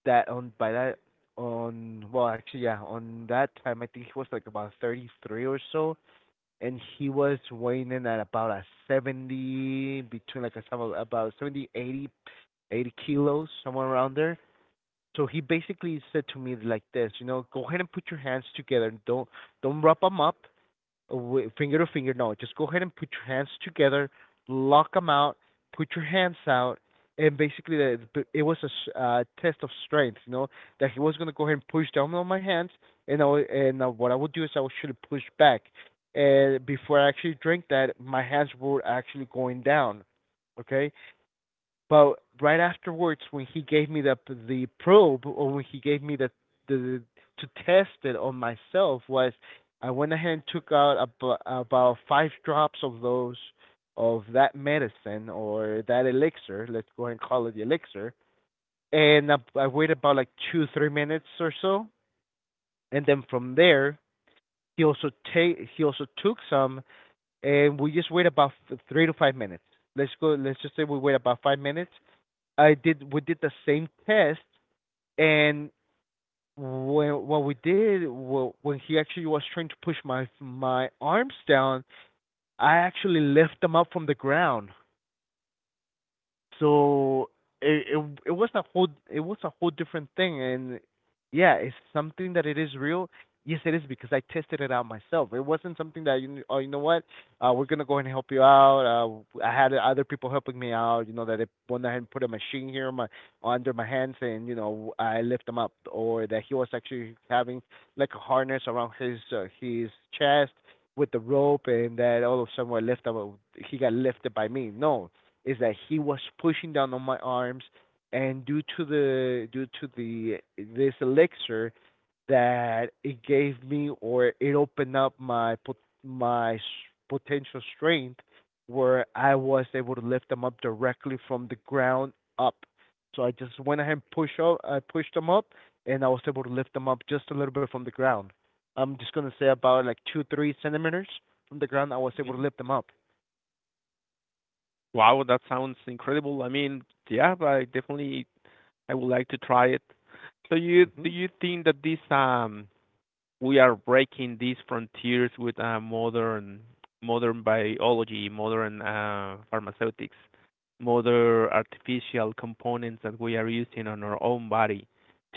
A: that on by that on well, actually, yeah, on that time I think he was like about 33 or so, and he was weighing in at about a 70, between like a some about 70, 80, 80 kilos somewhere around there. So he basically said to me like this, you know, go ahead and put your hands together, don't wrap them up finger to finger. No, just go ahead and put your hands together, lock them out, put your hands out, and basically it was a test of strength. You know that he was gonna go ahead and push down on my hands, and what I would do is I should have pushed back, and before I actually drank that, my hands were actually going down. Okay, but right afterwards, when he gave me the probe, or when he gave me the to test it on myself, was I went ahead and took out about five drops of those of that medicine or that elixir. Let's go ahead and call it the elixir. And I waited about like 2 3 minutes or so, and then from there he also took some, and we just wait about 3 to 5 minutes. Let's go. Let's just say we wait about 5 minutes. I did We did the same test. And when what we did well, when he actually was trying to push my arms down, I actually lift them up from the ground. So it was a whole different thing, and yeah, it's something that it is real. Yes, it is, because I tested it out myself. It wasn't something that you kn- oh you know what, we're gonna go ahead and help you out. I had other people helping me out. You know that they went ahead and put a machine here on my under my hands, and you know, I lift them up, or that he was actually having like a harness around his chest with the rope, and that all of a sudden, I lift him, up- he got lifted by me. No, is that he was pushing down on my arms, and due to the this elixir that it gave me, or it opened up my potential strength, where I was able to lift them up directly from the ground up. So I just went ahead and pushed them up, and I was able to lift them up just a little bit from the ground. I'm just gonna say about like 2, 3 centimeters from the ground I was able to lift them up.
B: Wow, that sounds incredible. I mean, yeah, but I definitely I would like to try it. So you do
A: Mhm.
B: you think that this we are breaking these frontiers with modern modern biology, modern pharmaceutics, modern artificial components that we are using on our own body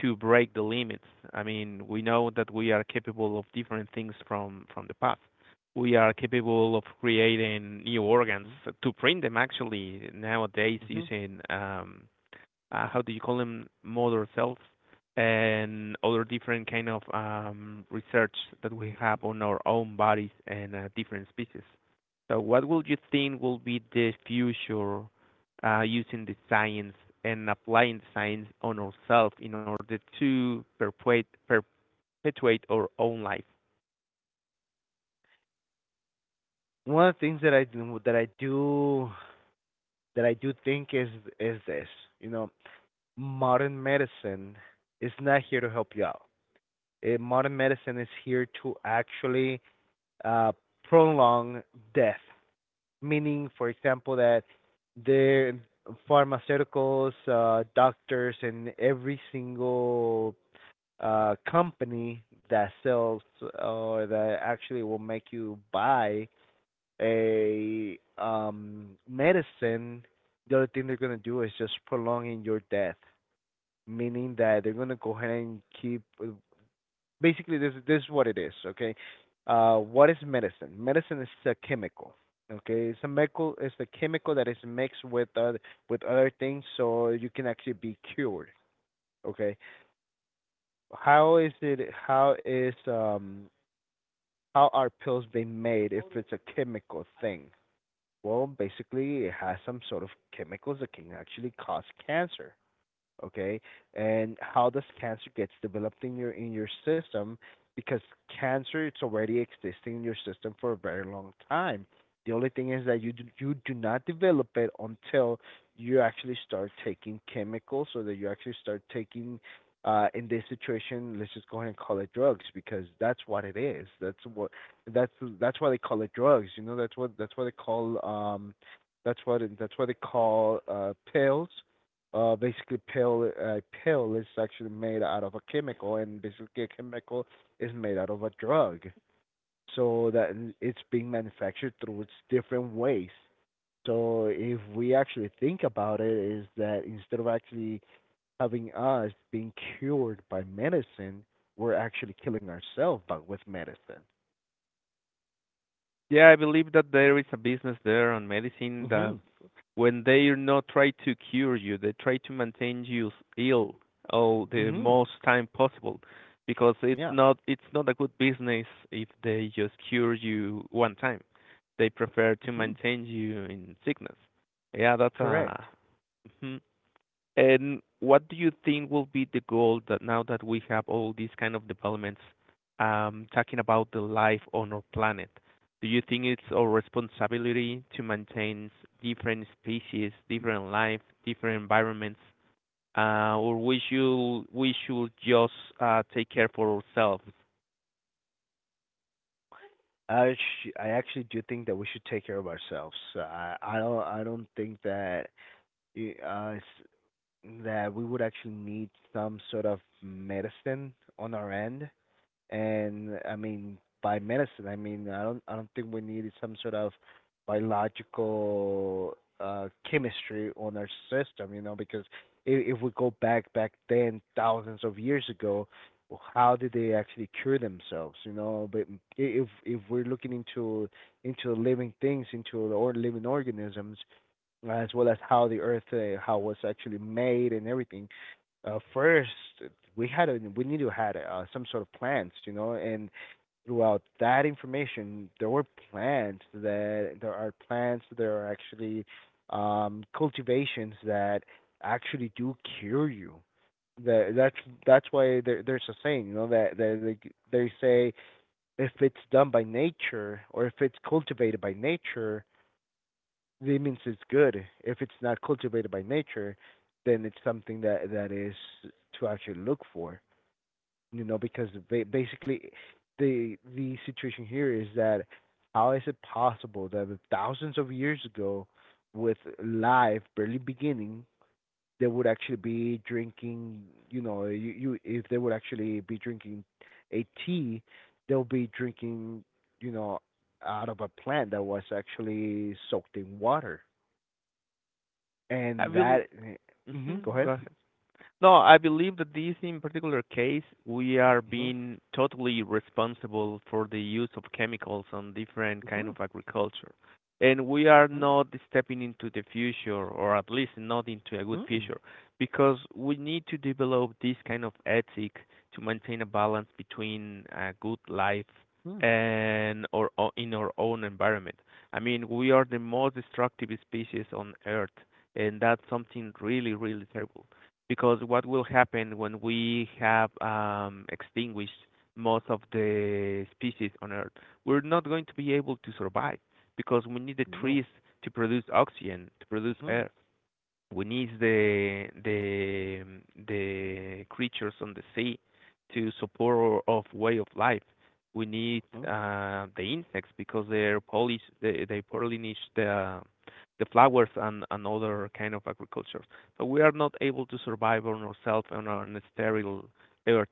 B: to break the limits. I mean, we know that we are capable of different things from the past. We are capable of creating new organs
A: Mhm.
B: to print them actually nowadays
A: Mhm.
B: using how do you call them, mother cells, and other different kind of research that we have on our own bodies and different species. So what would you think will be the future using the science and applying science on ourselves in order to perpetuate our own life?
A: One of the things that I do think is this. You know, modern medicine is not here to help you out. Modern medicine is here to actually uh, prolong death. Meaning, for example, that their pharmaceuticals, doctors, and every single company that sells, or that actually will make you buy a medicine, the other thing they're gonna do is just prolonging your death, meaning that they're gonna go ahead and keep. Basically, this is what it is. Okay, what is medicine? Medicine is a chemical. Okay, it's a chemical. It's a chemical that is mixed with other things, so you can actually be cured. Okay, how is it? How are pills being made if it's a chemical thing? Well, basically, it has some sort of chemicals that can actually cause cancer, okay? And how does cancer gets developed in your system? Because cancer, it's already existing in your system for a very long time. The only thing is that you do not develop it until you actually start taking chemicals, so that you actually start taking. In this situation, let's just go ahead and call it drugs, because that's what it is. That's what that's that's why they call it drugs. You know, that's what they call that's what they call pills. Basically, pill a pill is actually made out of a chemical, and basically a chemical is made out of a drug, so that it's being manufactured through its different ways. So if we actually think about it, is that instead of actually having us being cured by medicine, we're actually killing ourselves, but with medicine.
B: Yeah, I believe that there is a business there on medicine that
A: Mhm.
B: when they're not trying to cure you, they try to maintain you ill all the
A: Mhm.
B: most time possible because it's
A: Yeah.
B: not it's not a good business if they just cure you one time. They prefer to
A: Mhm.
B: maintain you in sickness. Yeah, that's a
A: Correct.
B: mhm. And what do you think will be the goal that now that we have all these kind of developments, talking about the life on our planet? Do you think it's our responsibility to maintain different species, different life, different environments, or we should just take care for ourselves?
A: I actually do think that we should take care of ourselves. So, I don't think that y- uh s- that we would actually need some sort of medicine on our end. And I mean, by medicine, I mean, I don't think we needed some sort of biological chemistry on our system, you know, because if we go back then, thousands of years ago, how did they actually cure themselves, you know? But if we're looking into living things, into or living organisms, as well as how the earth how it was actually made and everything. First, we need to had some sort of plants, you know, and throughout that information, there were plants that there are plants, there are actually cultivations that actually do cure you. that that's that's why there's a saying, you know, that that they, say, if it's done by nature or if it's cultivated by nature, it means it's good. If it's not cultivated by nature, then it's something that that is to actually look for. You know, because basically, the situation here is that how is it possible that thousands of years ago, with life barely beginning, they would actually be drinking. You know, you if they would actually be drinking a tea, they'll be drinking. You know, out of a plant that was actually soaked in water.
B: I
A: And
B: will.
A: that. Mhm, go
B: Mhm, go
A: ahead.
B: ahead. No, I believe that this in particular case, we are
A: Mhm.
B: being totally responsible for the use of chemicals on different kind of
A: Mhm.
B: agriculture. And we are
A: Mhm.
B: not stepping into the future, or at least not into a good
A: Mm.
B: future, because we need to develop this kind of ethic to maintain a balance between a good life
A: Mhm.
B: and or in our own environment. I mean, we are the most destructive species on Earth, and that's something really, really terrible. Because what will happen when we have extinguished most of the species on Earth? We're not going to be able to survive because we need the trees
A: No.
B: to produce oxygen, to produce
A: Mhm.
B: air. We need the creatures on the sea to support our way of life. We need
A: Mhm.
B: the insects because they pollinate the flowers and other kind of agriculture. So we are not able to survive on ourselves on our sterile earth.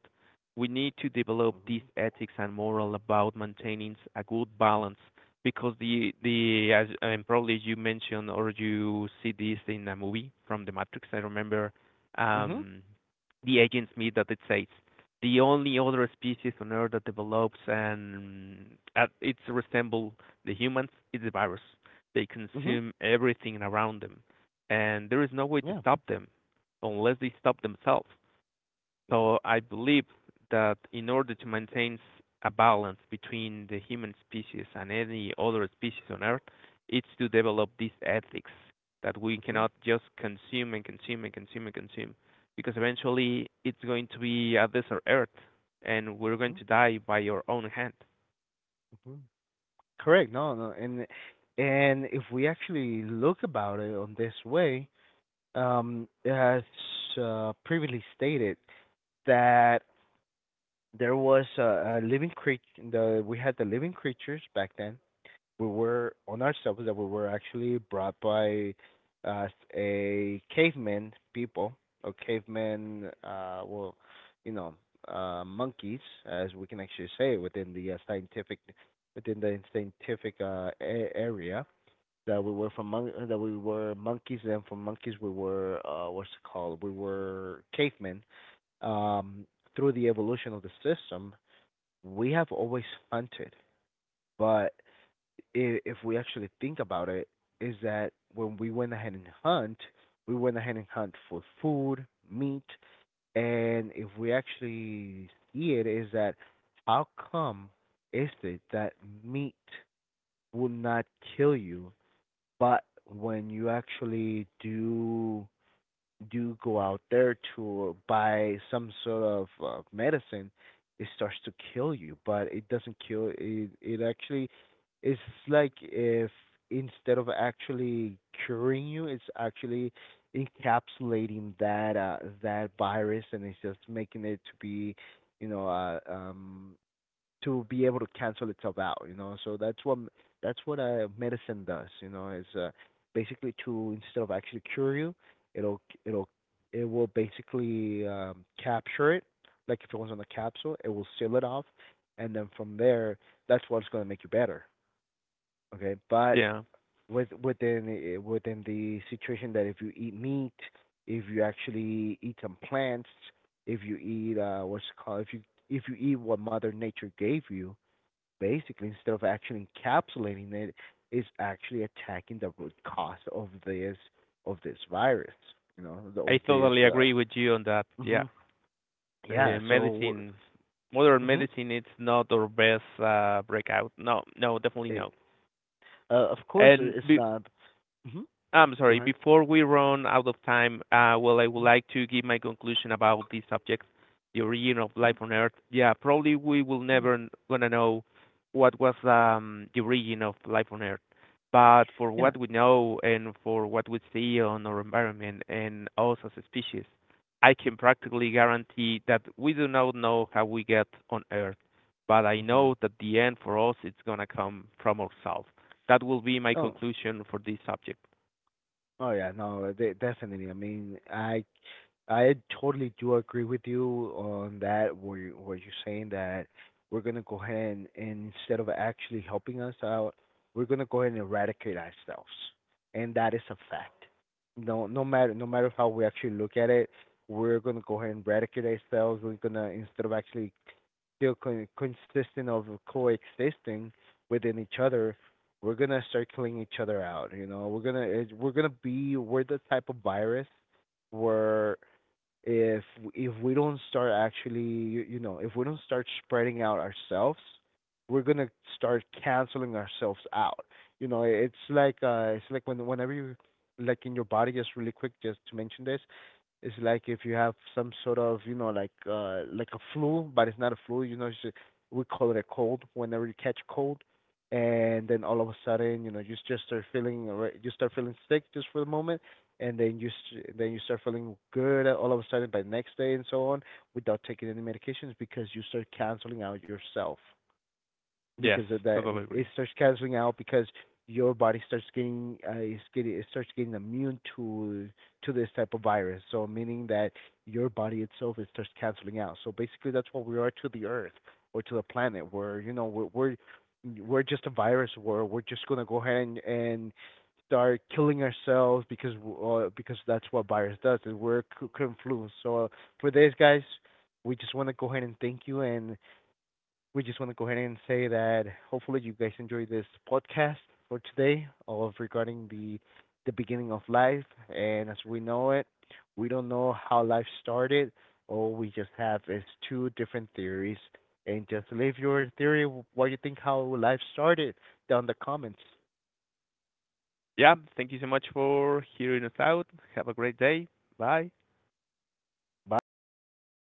B: We need to develop these
A: Mhm.
B: ethics and moral about maintaining a good balance, because the as and probably you mentioned or you see this in a movie from the Matrix. I remember
A: Mhm.
B: um the agents meet that it says the only other species on Earth that develops and it's resemble the humans is the virus. They
A: Mhm.
B: consume everything around them, and there is no way to
A: Yeah.
B: stop them unless they stop themselves. So I believe that in order to maintain a balance between the human species and any other species on Earth, it's to develop these ethics that we
A: Mhm.
B: cannot just consume and consume and consume and consume, because eventually it's going to be a desert Earth and we're going
A: Mhm.
B: to die by your own hand.
A: Mhm. Correct. No, no. And if we actually look about it on this way, as previously stated, that there was a living creature. We had the living creatures back then, we were on ourselves that we were actually brought by uh, a caveman people, or caveman, you know, monkeys, as we can actually say within the scientific within the scientific area, that we were monkeys, and from monkeys we were, what's it called we were cavemen. um, Through the evolution of the system, we have always hunted. But if we actually think about it, is that when we went ahead and hunt, we went ahead and hunt for food, meat. And if we actually see it, is that, how come is it that meat will not kill you, but when you actually do go out there to buy some sort of medicine, it starts to kill you. But it doesn't kill. It actually it's like if, instead of actually curing you, it's actually encapsulating that virus, and it's just making it to be, you know, to be able to cancel itself out, you know. So that's what medicine does, you know, is basically to, instead of actually cure you, it'll it'll it will basically capture it, like if it was on a capsule, it will seal it off, and then from there, that's what's going to make you better, okay. But
B: Yeah,
A: within the situation that, if you eat meat, if you actually eat some plants, if you eat, what's it called if you eat what Mother Nature gave you, basically, instead of actually encapsulating it, is actually attacking the root cause of this virus, you know,
B: I
A: of this
B: totally agree with you on that. Yeah,
A: Hmm. Yeah,
B: the
A: so.
B: medicine, modern
A: Hmm.
B: medicine, it's not our best breakout. No, no, definitely
A: it,
B: no.
A: of course
B: And
A: it's not. Hmm.
B: I'm
A: Go
B: sorry.
A: ahead.
B: Before we run out of time, well, I would
A: Mhm.
B: like to give my conclusion about this subject, the origin of life on Earth. Yeah, probably we will
A: Mhm.
B: never gonna know what was the origin of life on Earth. But for
A: Yeah.
B: what we know and for what we see on our environment and us as a species, I can practically guarantee that we do not know how we get on Earth. But I
A: Hmm.
B: know that the end for us it's gonna come from ourselves. That will be my
A: Oh.
B: conclusion for this subject.
A: Oh, yeah, no, definitely. I mean, I totally do agree with you on that. Where you're saying that we're gonna go ahead and, instead of actually helping us out, we're gonna go ahead and eradicate ourselves, and that is a fact. No, no matter how we actually look at it, we're gonna go ahead and eradicate ourselves. We're gonna, instead of actually consistent of coexisting within each other, we're gonna start killing each other out. You know, we're gonna it, we're gonna be we're the type of virus where, if if we don't start actually, you know, if we don't start spreading out ourselves, we're gonna start canceling ourselves out. You know, it's like, it's like whenever you, like in your body, just really quick, just to mention this, it's like if you have some sort of, you know, like a flu, but it's not a flu, you know, it's just, we call it a cold. Whenever you catch a cold, and then all of a sudden, you know, you just you start feeling sick just for the moment, and then you start feeling good all of a sudden by the next day and so on, without taking any medications, because you start canceling out yourself
B: Yes,
A: because of that.
B: totally
A: It
B: agree.
A: starts canceling out, because your body starts getting it's getting it starts getting immune to this type of virus. So meaning that your body itself, it starts canceling out. So basically, that's what we are to the earth, or to the planet, where, you know, we're just a virus, where we're just going to go ahead and start killing ourselves, because that's what virus does, is confluence. So, for this guys, we just want to go ahead and thank you, and we just want to go ahead and say that hopefully you guys enjoy this podcast for today, of regarding the beginning of life. And as we know it, we don't know how life started. All we just have is two different theories. And just leave your theory, what you think how life started, down in the comments.
B: Yeah, thank you so much for hearing us out. Have a great day. Bye.
A: Bye, everybody.